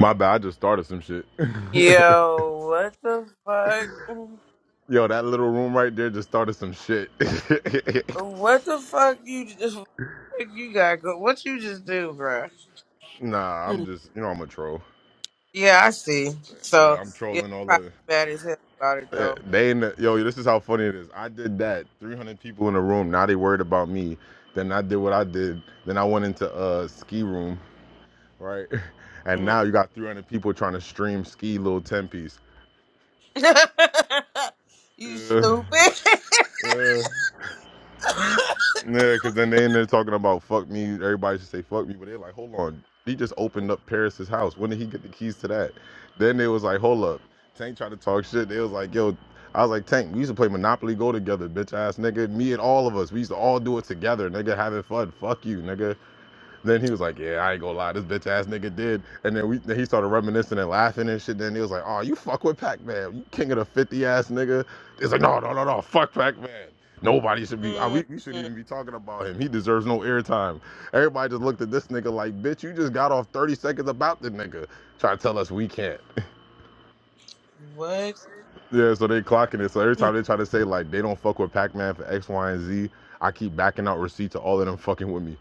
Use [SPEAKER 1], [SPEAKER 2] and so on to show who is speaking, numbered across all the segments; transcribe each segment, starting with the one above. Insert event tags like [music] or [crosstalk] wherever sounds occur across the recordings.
[SPEAKER 1] My bad, I just started some shit. [laughs]
[SPEAKER 2] Yo, what the fuck?
[SPEAKER 1] Yo, that little room right there just started some shit.
[SPEAKER 2] What the fuck you [laughs] just you got? go- What you just do, bruh?
[SPEAKER 1] [laughs] nah, I'm
[SPEAKER 2] Mm.
[SPEAKER 1] just, you know, I'm a troll.
[SPEAKER 2] Yeah, I see. So
[SPEAKER 1] Yeah, I'm
[SPEAKER 2] yeah,
[SPEAKER 1] trolling
[SPEAKER 2] they
[SPEAKER 1] all
[SPEAKER 2] probably
[SPEAKER 1] the.
[SPEAKER 2] mad as hell about it
[SPEAKER 1] Eh,
[SPEAKER 2] though.
[SPEAKER 1] They in the, yo, this is how funny it is. I did that. 300 people in a room. Now they worried about me. Then I did what I did. Then I went into a ski room, right? [laughs] And
[SPEAKER 2] Mm.
[SPEAKER 1] now you got 300 people trying to stream ski little 10 piece.
[SPEAKER 2] [laughs] you
[SPEAKER 1] Yeah.
[SPEAKER 2] stupid.
[SPEAKER 1] Yeah.
[SPEAKER 2] [laughs]
[SPEAKER 1] Yeah, because then they in there talking about fuck me. Everybody should say fuck me, but they're like, hold on. He just opened up Paris's house. When did he get the keys to that? Then they was like, hold up. Tank tried to talk shit. They was like, yo, I was like, Tank, we used to play Monopoly Go together, bitch ass nigga. Me and all of us, we used to all do it together, nigga, having fun. Fuck you, nigga. Then he was like, "Yeah, I ain't gonna lie, this bitch ass nigga did." And then we, then he started reminiscing and laughing and shit. Then he was like, "Oh, you fuck with Pac Man, you king of the fifty ass nigga." It's like, "No, no, no, no, fuck Pac Man. Nobody should be. uh,
[SPEAKER 2] Mm,
[SPEAKER 1] We, we shouldn't
[SPEAKER 2] mm,
[SPEAKER 1] even be talking about him. He deserves no airtime." Everybody just looked at this nigga like, "Bitch, you just got off thirty seconds about the nigga." Try to tell us we can't.
[SPEAKER 2] what?
[SPEAKER 1] [laughs] yeah, so they clocking it. So every time they try to say like they don't fuck with Pac Man for X, Y, and Z, I keep backing out receipts to all of them fucking with me.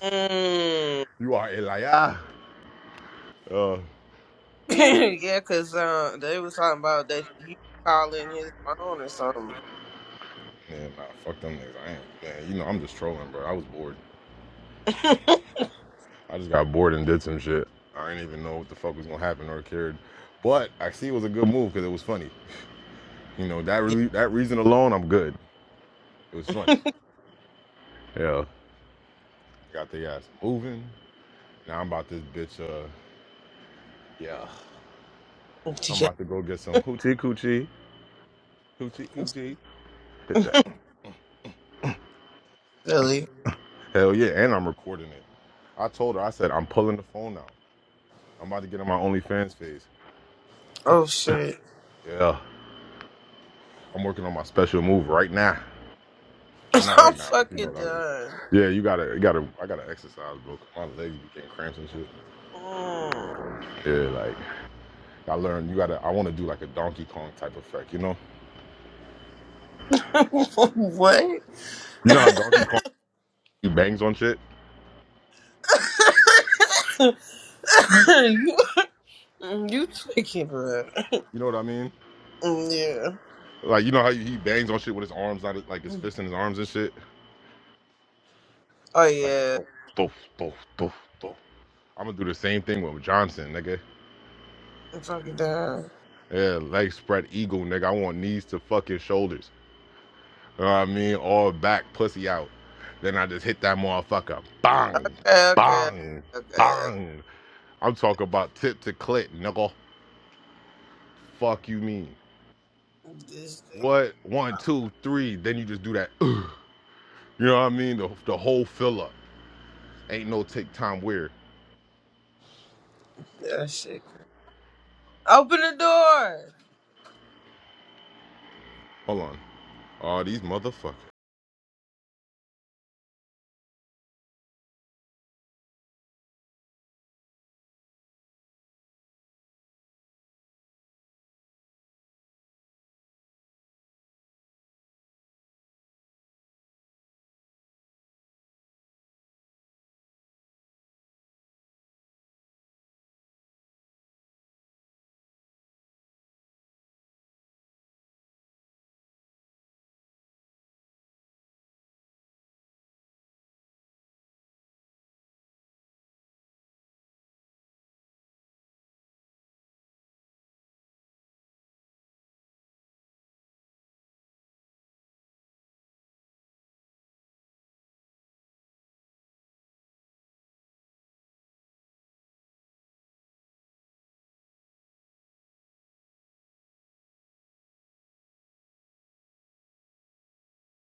[SPEAKER 2] Mm.
[SPEAKER 1] You are a liar. Uh,
[SPEAKER 2] [laughs] [clears throat] yeah, cause uh, they was talking about that you calling his phone or something.
[SPEAKER 1] Man, nah, fuck them niggas. I ain't, man, you know, I'm just trolling, bro. I was bored.
[SPEAKER 2] [laughs]
[SPEAKER 1] I just got bored and did some shit. I didn't even know what the fuck was gonna happen or cared. But I see it was a good move because it was funny. You know, that really, that reason alone, I'm good. It was funny.
[SPEAKER 2] yeah,
[SPEAKER 1] Yeah. Got the ass moving. Now I'm about this bitch, uh, yeah. I'm
[SPEAKER 2] [laughs] yeah,
[SPEAKER 1] about to go get some hoochie coochie. Hoochie coochie. Hit that.
[SPEAKER 2] really.
[SPEAKER 1] [coughs] [laughs] Hell yeah, and I'm recording it. I told her, I said, I'm pulling the phone out. I'm about to get on my OnlyFans phase.
[SPEAKER 2] Oh shit.
[SPEAKER 1] Yeah. I'm working on my special move right now. Well,
[SPEAKER 2] [laughs]
[SPEAKER 1] not
[SPEAKER 2] I'm
[SPEAKER 1] right now, but you know
[SPEAKER 2] fucking
[SPEAKER 1] what I mean.
[SPEAKER 2] done.
[SPEAKER 1] Yeah, you gotta, you gotta, I gotta exercise, bro. My legs be getting cramps and shit.
[SPEAKER 2] Mm.
[SPEAKER 1] Yeah, like I learned, you gotta. I want to do like a Donkey Kong type effect, you know?
[SPEAKER 2] [laughs] what?
[SPEAKER 1] You know how Donkey Kong he bangs on shit.
[SPEAKER 2] [laughs] you you tweaking, bro?
[SPEAKER 1] You know what I mean?
[SPEAKER 2] Mm, Yeah.
[SPEAKER 1] Like you know how he bangs on shit with his arms, not like his fists and his arms and shit.
[SPEAKER 2] Oh
[SPEAKER 1] Like
[SPEAKER 2] yeah.
[SPEAKER 1] thump, thump, thump, thump, thump. I'm gonna do the same thing with Johnson, nigga.
[SPEAKER 2] I'm fucking done.
[SPEAKER 1] Yeah, leg spread eagle, nigga. I want knees to fucking shoulders. You know what I mean? All back, pussy out. Then I just hit that motherfucker. Bang,
[SPEAKER 2] Okay, okay,
[SPEAKER 1] bang,
[SPEAKER 2] okay.
[SPEAKER 1] bang. I'm talking about tip to clit, nigga. Fuck you mean?
[SPEAKER 2] This thing,
[SPEAKER 1] What? One, two, three. Then you just do that. [clears throat] Ugh. You know what I mean? The, the whole fill up. Ain't no take time weird.
[SPEAKER 2] that shit. Open the door.
[SPEAKER 1] Hold on. Oh, these motherfuckers.